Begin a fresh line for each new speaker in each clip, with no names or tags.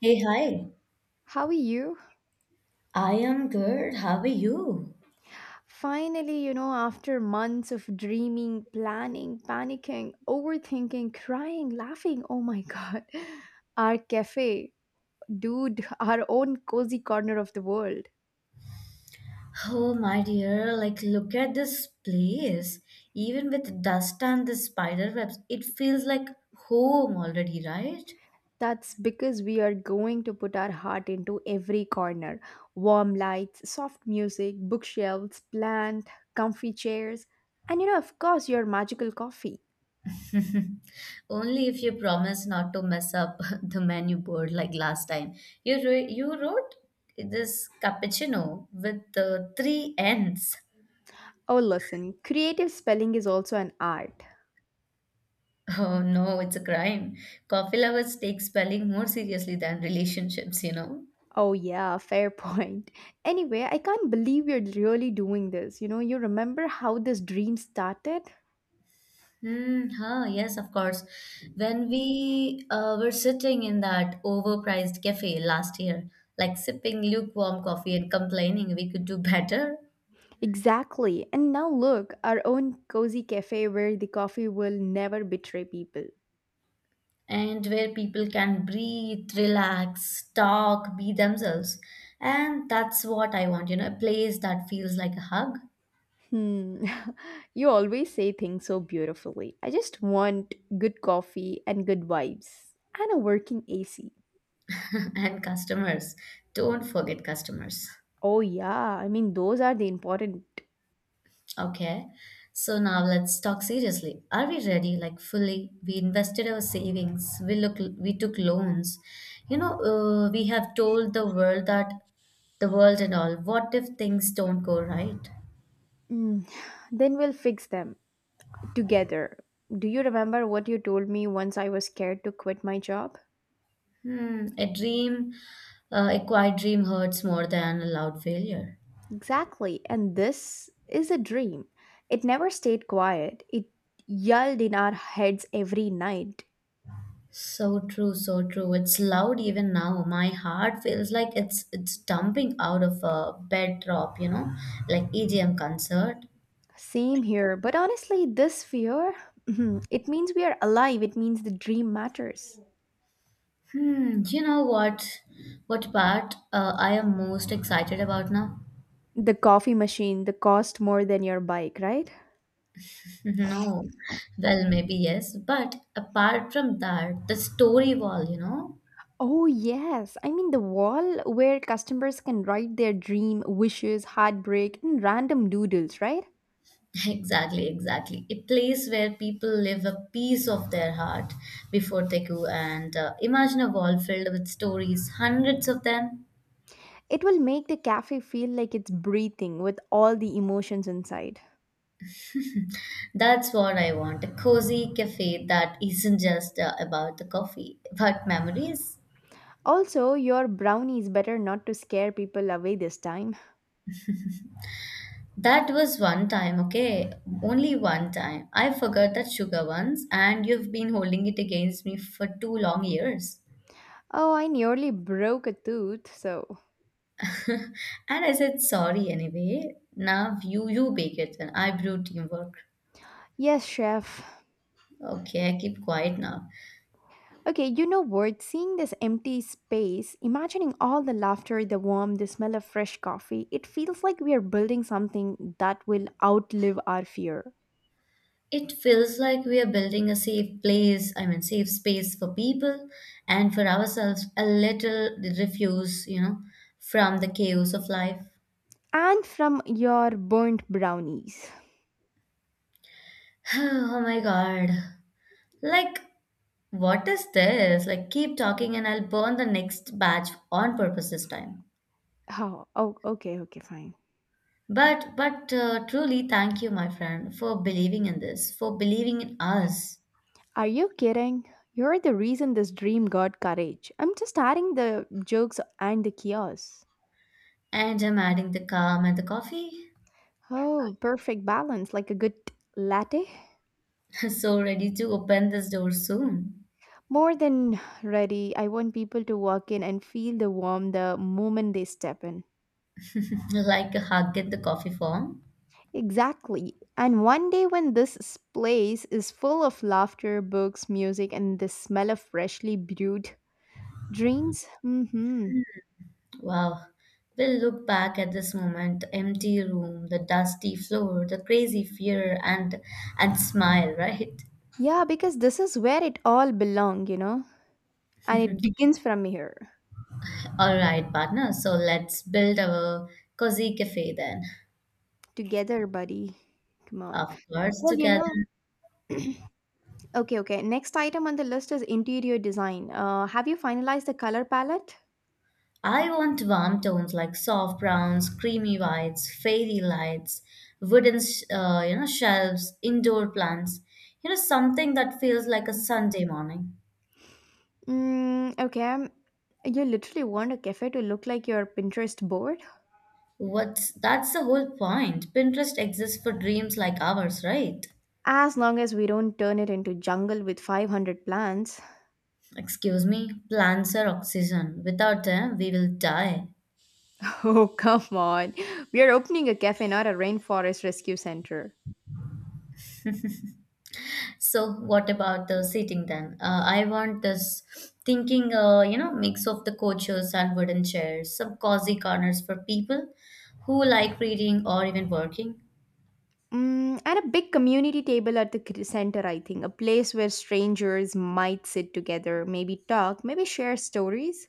Hey, hi.
How are you?
I am good. How are you?
Finally, after months of dreaming, planning, panicking, overthinking, crying, laughing, oh my god, our cafe, dude, our own cozy corner of the world.
Oh, my dear, like, look at this place. Even with dust and the spider webs, it feels like home already, right?
That's because we are going to put our heart into every corner: warm lights, soft music, bookshelves, plant, comfy chairs, and of course, your magical coffee.
Only if you promise not to mess up the menu board like last time. You wrote this cappuccino with the three N's.
Oh, listen, creative spelling is also an art.
Oh no, it's a crime. Coffee lovers take spelling more seriously than relationships.
Oh, yeah, fair point. Anyway, I can't believe you're really doing this. You remember how this dream started?
Hmm. Huh, yes, of course. When we were sitting in that overpriced cafe last year, like sipping lukewarm coffee and complaining we could do better.
Exactly. And now look, our own cozy cafe where the coffee will never betray people.
And where people can breathe, relax, talk, be themselves. And that's what I want, a place that feels like a hug.
Hmm. You always say things so beautifully. I just want good coffee and good vibes and a working AC.
And customers. Don't forget customers.
Oh, yeah. I mean, those are the important.
Okay, so now let's talk seriously. Are we ready? Like fully, we invested our savings. We took loans. You know, we have told the world that the world and all. What if things don't go right?
Mm. Then we'll fix them together. Do you remember what you told me once I was scared to quit my job?
Hmm, a quiet dream hurts more than a loud failure.
Exactly, and this is a dream. It never stayed quiet, it yelled in our heads every night.
So true, so true. It's loud even now. My heart feels like it's dumping out of a bedrock, like EDM concert.
Same here, but honestly, this fear it means we are alive, it means the dream matters.
Hmm, you know what? What part I am most excited about now?
The coffee machine, the cost more than your bike, right?
No. Well, maybe yes, but apart from that, the story wall, you know?
Oh, yes. I mean, the wall where customers can write their dream, wishes, heartbreak, and random doodles, right?
Exactly, exactly. A place where people live a piece of their heart before they go and imagine a wall filled with stories, hundreds of them.
It will make the cafe feel like it's breathing with all the emotions inside.
That's what I want, a cozy cafe that isn't just about the coffee, but memories.
Also, your brownie is better not to scare people away this time.
That was one time, okay? Only one time. I forgot that sugar once, and you've been holding it against me for two long years.
Oh, I nearly broke a tooth, so.
And I said sorry anyway. Now you bake it and I brew teamwork.
Yes, chef.
Okay, I keep quiet now.
Okay, you know what? Seeing this empty space, imagining all the laughter, the warmth, the smell of fresh coffee, it feels like we are building something that will outlive our fear.
It feels like we are building a safe place, I mean safe space for people and for ourselves, a little refuse, from the chaos of life.
And from your burnt brownies.
Oh my god. Like what is this? Like, keep talking and I'll burn the next batch on purpose this time.
Oh, oh, okay, okay, fine.
But, truly, thank you, my friend, for believing in this, for believing in us.
Are you kidding? You're the reason this dream got courage. I'm just adding the jokes and the chaos.
And I'm adding the calm and the coffee.
Oh, perfect balance, like a good latte.
So ready to open this door soon.
More than ready, I want people to walk in and feel the warmth the moment they step in.
Like a hug in the coffee form.
Exactly. And one day when this place is full of laughter, books, music, and the smell of freshly brewed drinks. Mm-hmm.
Wow. We'll look back at this moment, the empty room, the dusty floor, the crazy fear, and smile, right?
Yeah, because this is where it all belong. And it begins from here.
All right, partner. So let's build our cozy cafe then.
Together, buddy. Come on.
Of course,
Well,
together.
okay, okay. Next item on the list is interior design. Have you finalized the color palette?
I want warm tones like soft browns, creamy whites, fairy lights, wooden, shelves, indoor plants. You know, something that feels like a Sunday morning.
Mm, okay. You literally want a cafe to look like your Pinterest board?
What's that's the whole point. Pinterest exists for dreams like ours, right?
As long as we don't turn it into jungle with 500 plants.
Excuse me, plants are oxygen. Without them, we will die.
Oh, come on. We are opening a cafe, not a rainforest rescue center.
So what about the seating then? I want this thinking, mix of the coaches and wooden chairs, some cozy corners for people who like reading or even working.
Mm, and a big community table at the center, I think. A place where strangers might sit together, maybe talk, maybe share stories.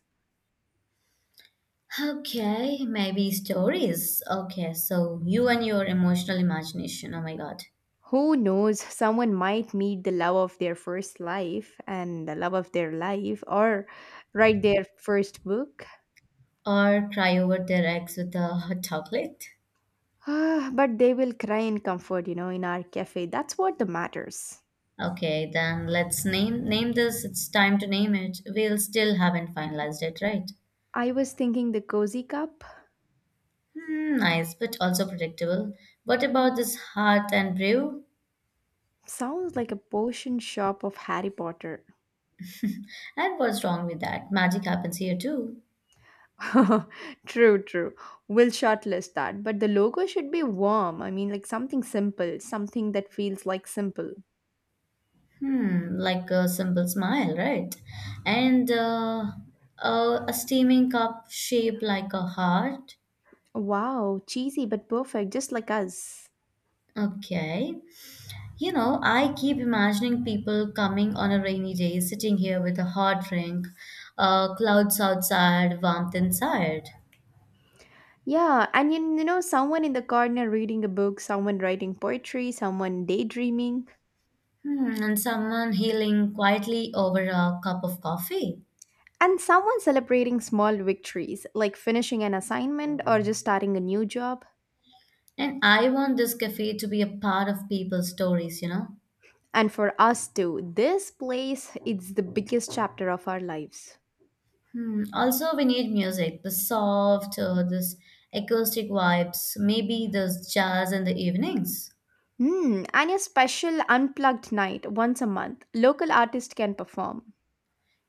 Okay, maybe stories. Okay, so you and your emotional imagination. Oh my God.
Who knows, someone might meet the love of their first life and the love of their life or write their first book.
Or cry over their eggs with a hot chocolate.
Ah, but they will cry in comfort, in our cafe. That's what the matters.
Okay, then let's name this. It's time to name it. We'll still haven't finalized it, right?
I was thinking the cozy cup
Hmm, nice, but also predictable. What about this heart and brew?
sounds like a potion shop of Harry Potter.
And what's wrong with that? Magic happens here too.
True, true. We'll shortlist that. But the logo should be warm. I mean, like something simple, something that feels like simple.
Hmm, like a simple smile, right? And a steaming cup shaped like a heart.
Wow, cheesy but perfect, just like us.
Okay. You know, I keep imagining people coming on a rainy day, sitting here with a hot drink, clouds outside, warmth inside.
Yeah, and someone in the corner reading a book, someone writing poetry, someone daydreaming,
Hmm, and someone healing quietly over a cup of coffee.
and someone celebrating small victories like finishing an assignment or just starting a new job.
And I want this cafe to be a part of people's stories.
And for us too, this place it's the biggest chapter of our lives.
Hmm. Also, we need music, this acoustic vibes, maybe this jazz in the evenings.
Hmm, and a special unplugged night once a month. Local artist can perform.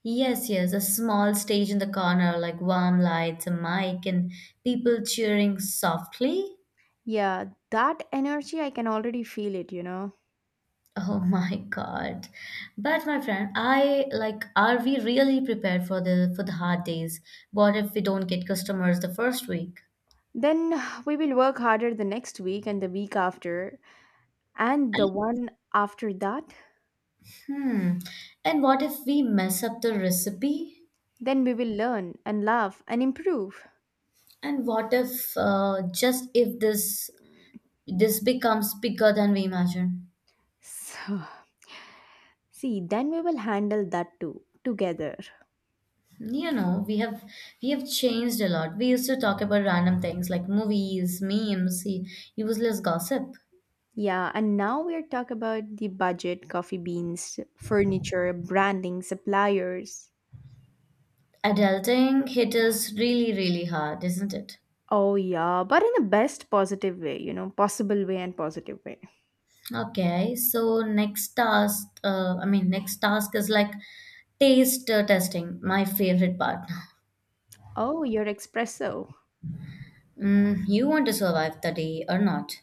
Yes, yes, a small stage in the corner, like warm lights, a mic, and people cheering softly.
Yeah, that energy, I can already feel it, you know.
Oh my God. But my friend, I like, are we really prepared for the hard days? What if we don't get customers the first week?
Then we will work harder the next week and the week after, and the one after that.
Hmm. And what if we mess up the recipe?
Then we will learn and laugh and improve.
And what if just if this becomes bigger than we imagine?
So, see, then we will handle that too, together.
You know, we have changed a lot. We used to talk about random things like movies, memes, useless gossip.
Yeah, and now we are talk about the budget, coffee beans, furniture, branding, suppliers.
Adulting hit us really, really hard, isn't it?
Oh, yeah, but in the best positive way, possible way and positive way.
Okay, so next task, I mean, next task is like taste testing, my favorite part.
Oh, your espresso.
Mm, you want to survive the day or not?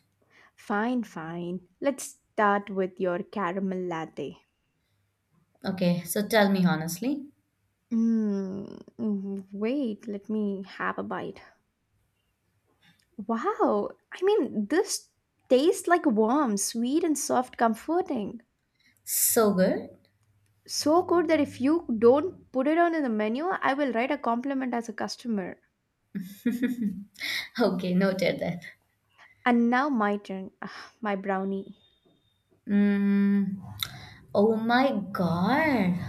Fine, fine. Let's start with your caramel latte.
Okay, so tell me honestly.
Mm, mm, wait, let me have a bite. Wow, I mean, this tastes like warm, sweet, and soft, comforting.
So good.
So good that if you don't put it on in the menu, I will write a compliment as a customer.
Okay, noted that.
And now my turn. Ah, my brownie.
Mm, oh my god.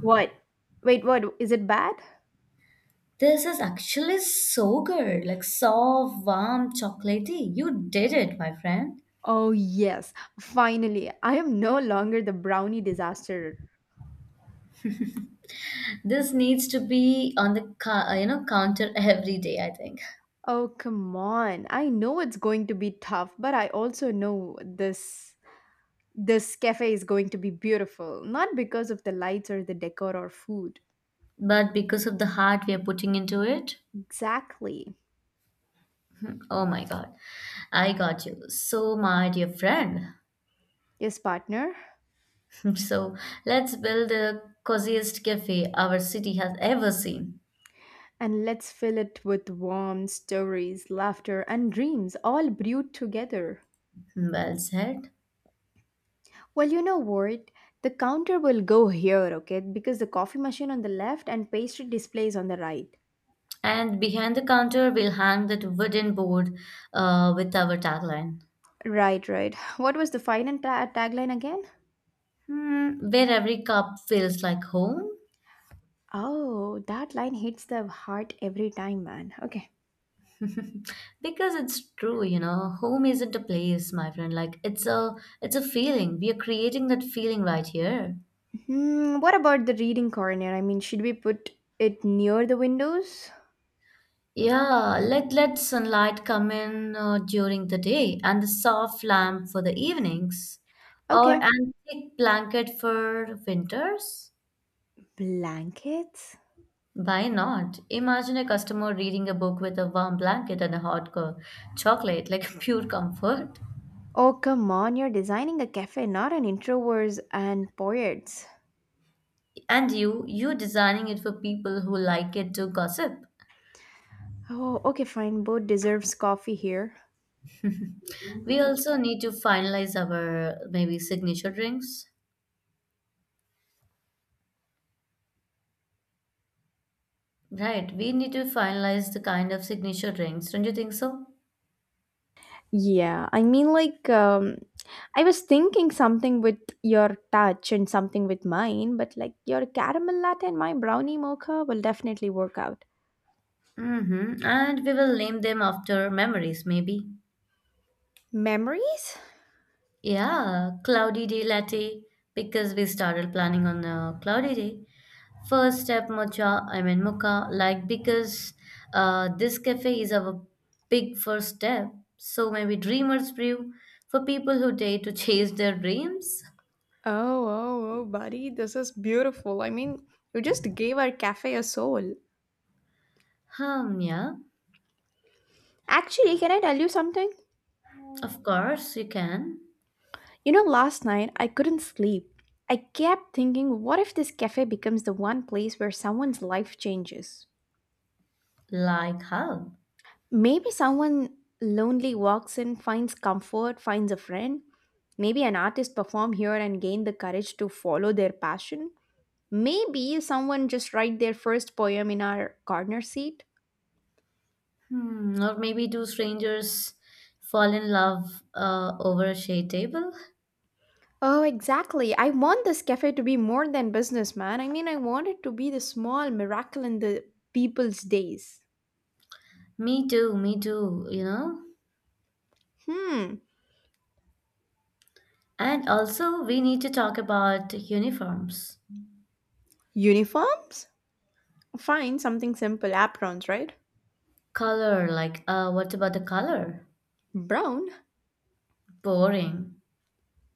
What? Wait, what? Is it bad?
This is actually so good. Like soft, warm, chocolatey. You did it, my friend.
Oh, yes, finally, I am no longer the brownie disaster.
This needs to be on the counter every day, I think.
Oh, come on. I know it's going to be tough, but I also know this cafe is going to be beautiful, not because of the lights or the decor or food.
But because of the heart we are putting into it,
Exactly.
oh my god. I got you. So my dear friend.
Yes, partner.
So let's build the coziest cafe our city has ever seen.
And let's fill it with warm stories, laughter, and dreams all brewed together.
Well said.
Well, you know what? The counter will go here, okay? Because the coffee machine on the left and pastry displays on the right.
And behind the counter, we'll hang that wooden board with our tagline,
Right, right. What was the final tagline again?
where every cup feels like home.
Oh, that line hits the heart every time, man. Okay.
Because it's true, home isn't a place, my friend. Like it's a feeling. We are creating that feeling right here.
Hmm, what about the reading corner? I mean, should we put it near the windows?
Yeah, let sunlight come in during the day and the soft lamp for the evenings, or
Okay.
an thick blanket for winters.
Blankets?
Why not? Imagine a customer reading a book with a warm blanket and a hot chocolate, like pure comfort.
Oh, come on. You're designing a cafe, not an introverts and poets.
And you designing it for people who like it to gossip.
Oh, okay, fine. Both deserves coffee here.
We also need to finalize our maybe signature drinks. Right, we need to finalize the kind of signature drinks, don't you think so?
Yeah, I mean, like, I was thinking something with your touch and something with mine, but like your caramel latte and my brownie mocha will definitely work out.
Mm-hmm. And we will name them after memories, maybe.
Memories?
Yeah, cloudy day latte, because we started planning on a cloudy day. First step mocha, I mean mocha, like because this cafe is our big first step. So maybe dreamers brew for people who dare to chase their dreams.
Oh, oh, oh, buddy, this is beautiful. I mean, you just gave our cafe a soul.
Hmm, yeah,
Actually, can I tell you something?
of course you can.
You know, last night I couldn't sleep. I kept thinking, what if this cafe becomes the one place where someone's life changes?
Like how?
Maybe someone lonely walks in, finds comfort, finds a friend. Maybe an artist perform here and gain the courage to follow their passion. Maybe someone just write their first poem in our corner seat.
Hmm, or maybe do strangers fall in love over a shade table?
Oh, exactly. I want this cafe to be more than business, man. I mean, I want it to be the small miracle in the people's days.
Me too, you know?
Hmm.
And also, we need to talk about uniforms.
Uniforms? Fine, something simple. Aprons, right?
Color, like, what about the color?
Brown?
Boring.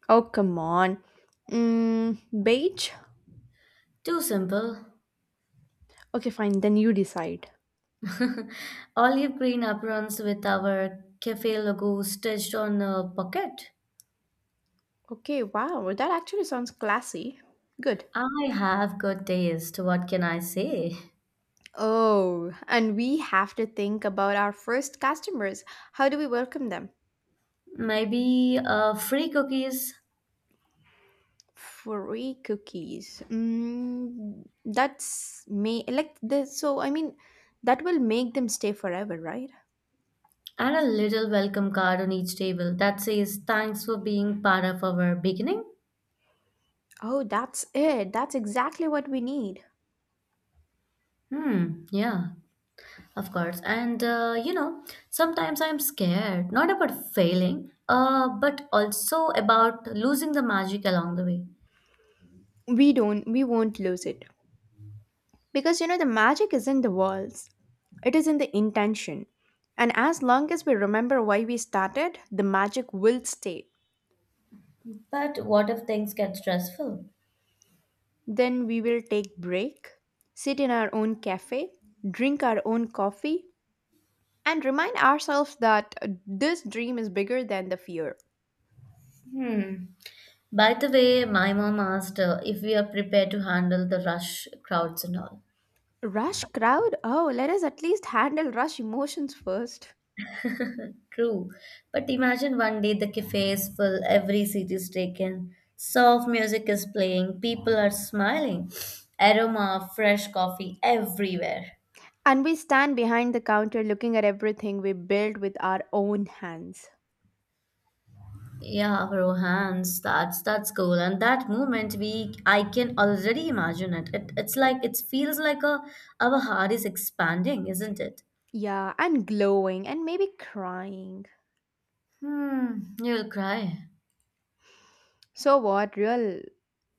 Oh, come on. Mm, beige?
Too simple.
Okay, fine. Then you decide.
Olive green aprons with our cafe logo stitched on the pocket.
Okay, wow, that actually sounds classy. Good.
I have good taste, what can I say?
Oh, and we have to think about our first customers. How do we welcome them?
Maybe free cookies
Free cookies. Mm, that's me. Like the so I mean, that will make them stay forever, right?
and a little welcome card on each table that says thanks for being part of our beginning.
Oh, that's it. That's exactly what we need.
Hmm, yeah, of course. And sometimes I'm scared, not about failing, but also about losing the magic along the way.
We don't. We won't lose it. Because you know, the magic is in the walls, it is in the intention. And as long as we remember why we started, the magic will stay.
But what if things get stressful?
Then we will take break, sit in our own cafe, drink our own coffee, and remind ourselves that this dream is bigger than the fear.
hmm by the way, my mom asked if we are prepared to handle the rush crowds and all.
Rush crowd? Oh, let us at least handle rush emotions first.
True. But imagine one day the cafe is full, every seat is taken, soft music is playing, people are smiling, aroma of fresh coffee everywhere.
And we stand behind the counter looking at everything we built with our own hands.
Yeah, Rohans, that's cool. And that moment we I can already imagine it. It's like it feels like a our heart is expanding, isn't it?
Yeah, and glowing and maybe crying.
Hmm, you'll cry.
So, what real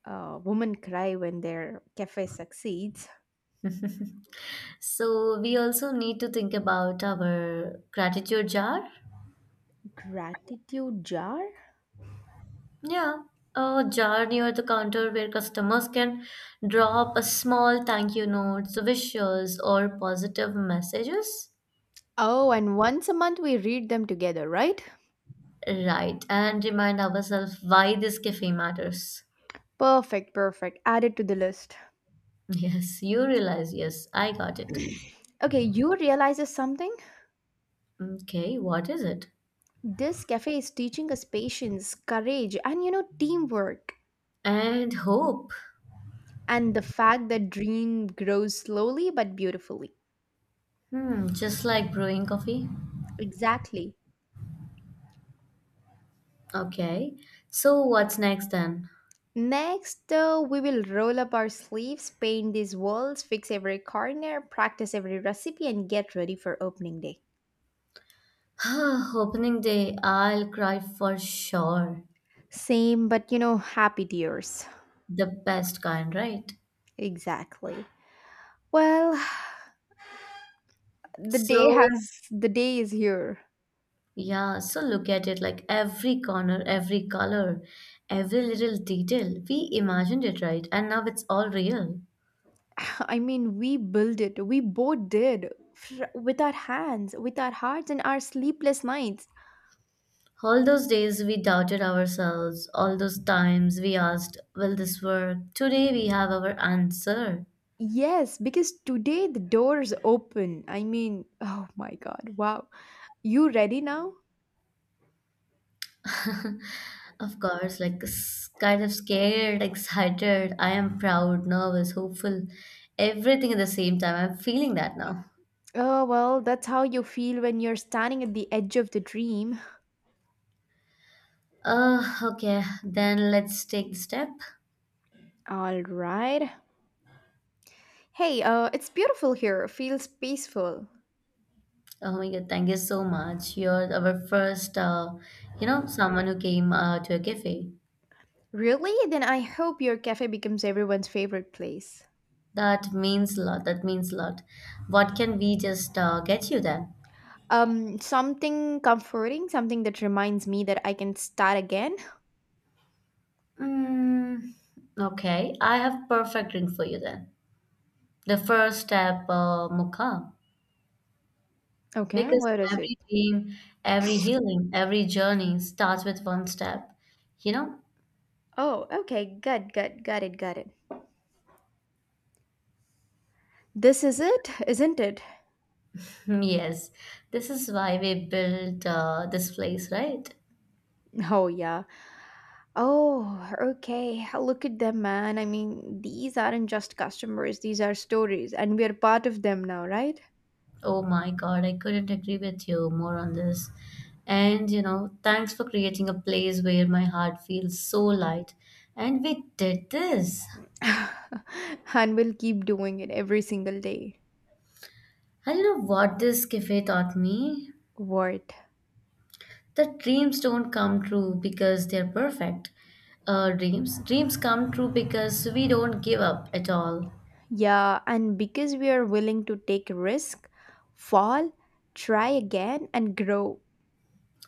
women cry when their cafe succeeds?
So we also need to think about our gratitude jar.
Gratitude jar?
Yeah, a jar near the counter where customers can drop a small thank you notes, wishes, or positive messages.
Oh, and once a month we read them together, right?
Right, and remind ourselves why this cafe matters.
Perfect, perfect. Add it to the list.
Yes, you realize, yes, I got it.
Okay, you realize something?
Okay, what is it?
This cafe is teaching us patience, courage, and you know, teamwork.
And hope.
And the fact that dream grows slowly but beautifully.
Hmm, just like brewing coffee.
Exactly.
Okay, so what's next then?
Next, we will roll up our sleeves, paint these walls, fix every corner, practice every recipe, and get ready for opening day.
Opening day, I'll cry for sure.
Same, but you know, happy tears.
The best kind, right?
Exactly. Well,
So.
the day is here.
Yeah, so look at it like every corner, every color, every little detail. We imagined it, right? And now it's all real.
I mean, we built it. We both did with our hands, with our hearts, and our sleepless nights.
All those days we doubted ourselves, all those times we asked, will this work? Today we have our answer.
Yes, because today the doors open. I mean, oh my God! Wow, you ready now?
Of course, like kind of scared, excited, I am proud, nervous, hopeful, everything at the same time. I'm feeling that now.
Oh, well, that's how you feel when you're standing at the edge of the dream.
Okay, then let's take the step.
All right. Hey, it's beautiful here. Feels peaceful.
Oh my God, thank you so much. You're our first, someone who came to a cafe.
Really? Then I hope your cafe becomes everyone's favorite place.
That means a lot. That means a lot. What can we just get you then?
Something comforting, something that reminds me that I can start again.
Mm, okay, I have perfect drink for you then. The first step, mukha.
Okay,
Because
what is it?
every dream, every healing, every journey starts with one step. You know?
Oh, okay, good, good, got it, got it. This is it, isn't it?
Yes. This is why we built this place, right?
Oh, yeah. Oh, okay. Look at them, man. I mean, these aren't just customers, these are stories, and we are part of them now, right?
Oh my God, I couldn't agree with you more on this. And thanks for creating a place where my heart feels so light. And we did this.
And we'll keep doing it every single day.
And you know what this cafe taught me?
Word.
That dreams don't come true because they're perfect. Dreams come true because we don't give up at all.
Yeah, and because we are willing to take risk, fall, try again, and grow.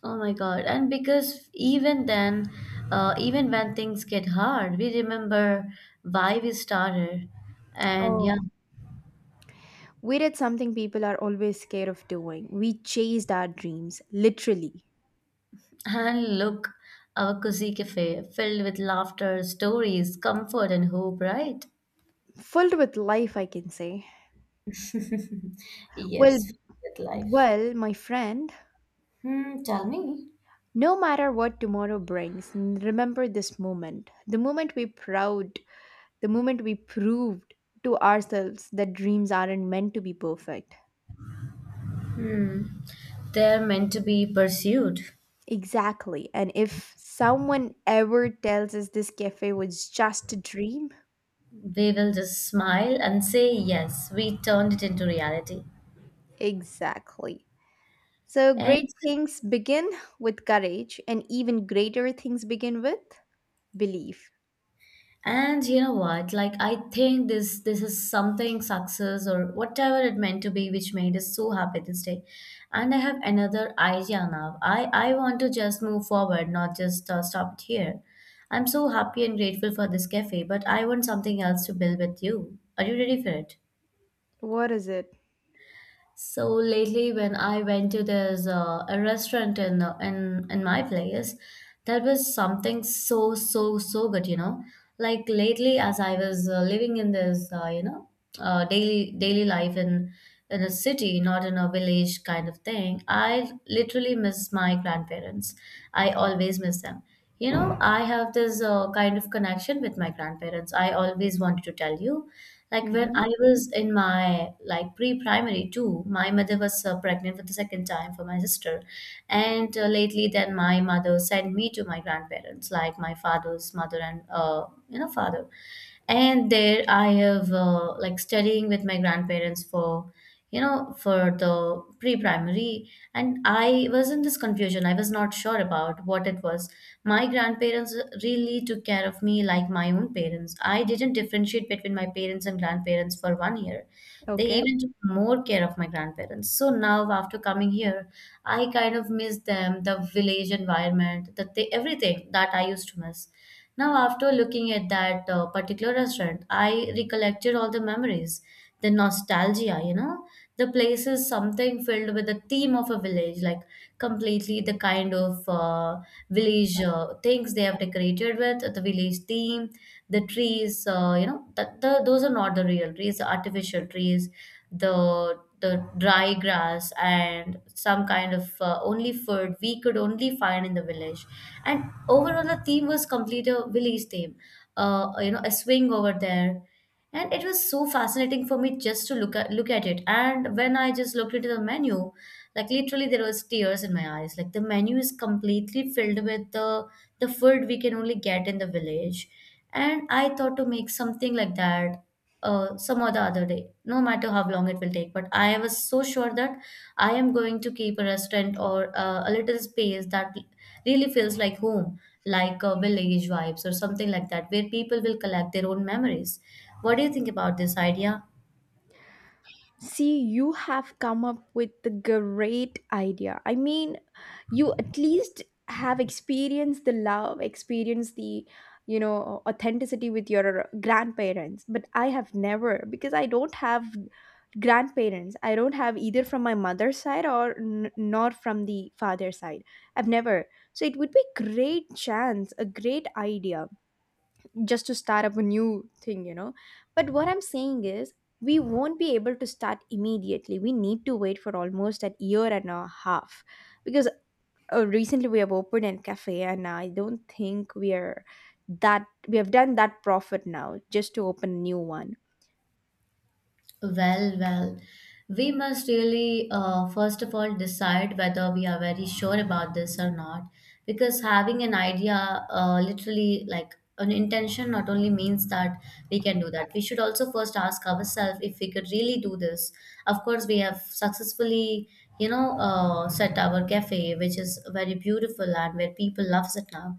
Oh my God. And because even then, even when things get hard, we remember why we started. And
Oh,
yeah.
we did something people are always scared of doing. We chased our dreams, literally.
And look, our cozy cafe, filled with laughter, stories, comfort, and hope, right?
Filled with life, I can say. Well,
Yes, with life.
well, my friend.
Hmm, tell me.
No matter what tomorrow brings, remember this moment. The moment we proved to ourselves that dreams aren't meant to be perfect.
Hmm. They're meant to be pursued.
Exactly. And if someone ever tells us this cafe was just a dream,
We will just smile and say, "Yes, we turned it into reality."
exactly. So
And
great things begin with courage, and even greater things begin with belief.
And you know what? Like I think this is something success or whatever it meant to be which made us so happy this day. And I have another idea now. I want to just move forward, not just stop it here. I'm so happy and grateful for this cafe, but I want something else to build with you. Are you ready for it?
What is it?
So lately, when I went to this a restaurant in, in my place, that was something so so so good, you know. Like lately, as I was living in this, daily life in a city, not in a village kind of thing, I literally miss my grandparents. I always miss them. You know, I have this kind of connection with my grandparents. I always wanted to tell you like when
Mm-hmm.
I was in my like pre-primary too, my mother was pregnant for the second time for my sister, and lately then my mother sent me to my grandparents, like my father's mother and you know father, and there I have like studying with my grandparents for you know, for the pre-primary. And I was in this confusion. I was not sure about what it was. My grandparents really took care of me like my own parents. I didn't differentiate between my parents and grandparents for one year. They
Okay.
even took more care of my grandparents. So now, after coming here, I kind of miss them, the village environment, everything that I used to miss. Now, after looking at that particular restaurant, I recollected all the memories, the nostalgia, you know, the place is something filled with the theme of a village, like completely the kind of village things. They have decorated with the village theme, the trees, you know, that the, those are not the real trees, the artificial trees, the dry grass, and some kind of only food we could only find in the village. And overall the theme was complete a village theme, you know, a swing over there. And it was so fascinating for me just to look at it. And when I just looked into the menu, like literally there was tears in my eyes. Like the menu is completely filled with the food we can only get in the village. And I thought to make something like that some or the other day, no matter how long it will take. But I was so sure that I am going to keep a restaurant or a little space that really feels like home, like village vibes or something like that, where people will collect their own memories. What do you think about this idea?
See, you have come up with a great idea. I mean, you at least have experienced the love, experienced the authenticity with your grandparents. But I have never, because I don't have grandparents. I don't have either from my mother's side or nor from the father's side. I've never. So it would be great chance, a great idea just to start up a new thing. But what I'm saying is, we won't be able to start immediately. We need to wait for almost a year and a half because recently we have opened a cafe, and I don't think we are that we have done that profit now just to open a new one.
Well, well, we must really first of all decide whether we are very sure about this or not, because having an idea, literally like an intention, not only means that we can do that. We should also first ask ourselves if we could really do this. Of course, we have successfully, you know, set our cafe, which is very beautiful and where people loves it now.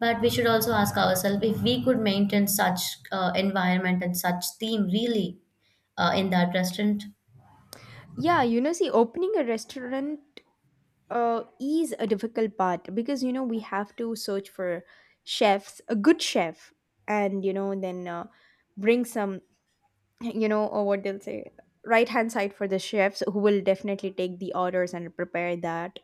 But we should also ask ourselves if we could maintain such environment and such theme, really in that restaurant.
Yeah, you know, see, opening a restaurant is a difficult part because you know we have to search for chefs, a good chef, and you know then bring some you know or what they'll say right hand side for the chefs who will definitely take the orders and prepare that.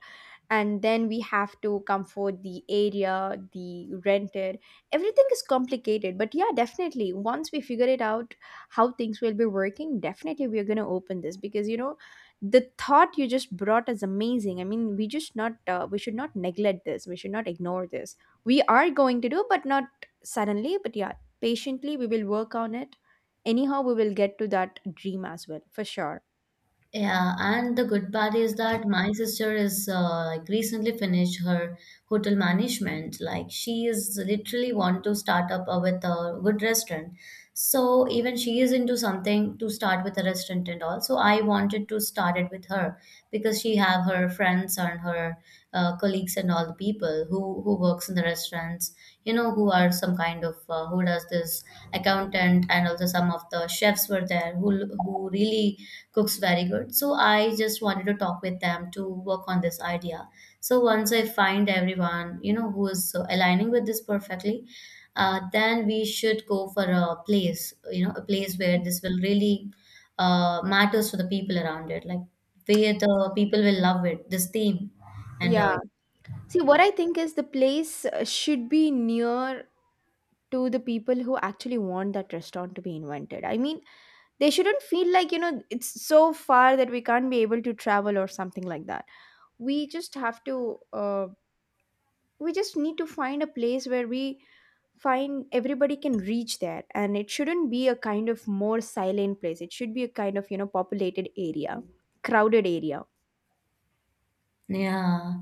And then we have to comfort the area, the rented, everything is complicated. But yeah, definitely once we figure it out how things will be working, definitely we are going to open this because you know the thought you just brought is amazing. I mean, we just not we should not neglect this, we should not ignore this. We are going to do, but not suddenly, but yeah, patiently we will work on it. Anyhow, we will get to that dream as well for sure.
Yeah, and the good part is that my sister is like recently finished her hotel management. Like she is literally want to start up with a good restaurant. So even she is into something to start with a restaurant and all. So I wanted to start it with her because she have her friends and her colleagues and all the people who works in the restaurants, you know, who are some kind of who does this accountant, and also some of the chefs were there who really cooks very good. So I just wanted to talk with them to work on this idea. So once I find everyone, you know, who is aligning with this perfectly, then we should go for a place, you know, a place where this will really matters to the people around it, like where the people will love it, this theme and
Yeah.
all.
See, what I think is the place should be near to the people who actually want that restaurant to be invented. I mean, they shouldn't feel like, you know, it's so far that we can't be able to travel or something like that. We just have to, we just need to find a place where we find everybody can reach there. And it shouldn't be a kind of more silent place. It should be a kind of, you know, populated area, crowded area.
Yeah,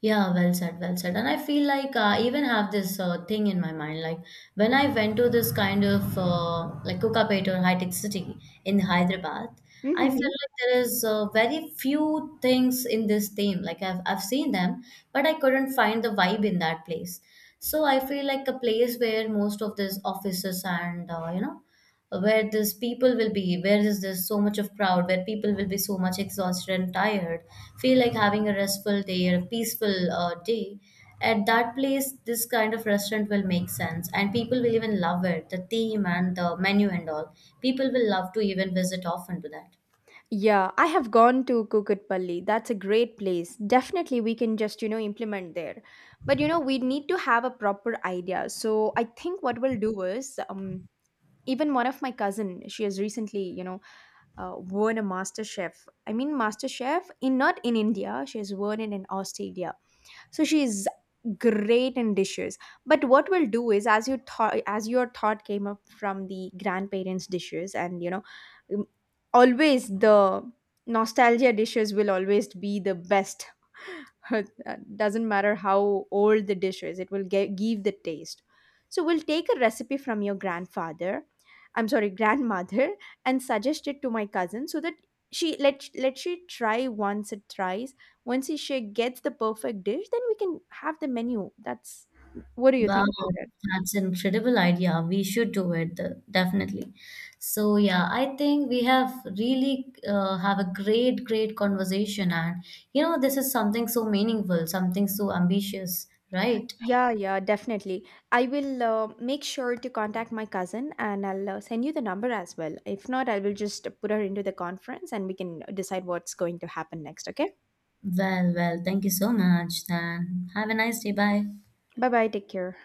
yeah, well said, well said. And I feel like I even have this thing in my mind. Like when I went to this kind of like Cookapet or high tech city in Hyderabad, I feel like there is very few things in this theme. Like I've seen them, but I couldn't find the vibe in that place. So I feel like a place where most of these offices and you know, where this people will be, where is this so much of crowd, where people will be so much exhausted and tired, feel like having a restful day or a peaceful day at that place, this kind of restaurant will make sense and people will even love it, the theme and the menu and all. People will love to even visit often to that.
Yeah, I have gone to Kukutpalli. That's a great place. Definitely, we can just, you know, implement there. But, you know, we need to have a proper idea. So I think what we'll do is, even one of my cousin, she has recently, won a master chef. I mean, master chef in not in India. She has won it in Australia, so she is great in dishes. But what we'll do is, as you thought, as your thought came up from the grandparents dishes, and you know, um, always the nostalgia dishes will always be the best. Uh, doesn't matter how old the dish is, it will give the taste. So we'll take a recipe from your grandfather, I'm sorry, grandmother, and suggest it to my cousin so that she let she try once it tries. Once the chef gets the perfect dish, then we can have the menu. That's, what do you
Wow,
think about it?
that's an incredible idea. We should do it, definitely. So yeah, I think we have really have a great, great conversation, and you know, this is something so meaningful, something so ambitious, right?
Yeah, yeah, definitely. I will make sure to contact my cousin, and I'll send you the number as well. If not, I will just put her into the conference, and we can decide what's going to happen next, okay?
Well, well, thank you so much, then. Have a nice day. Bye.
Bye bye, take care.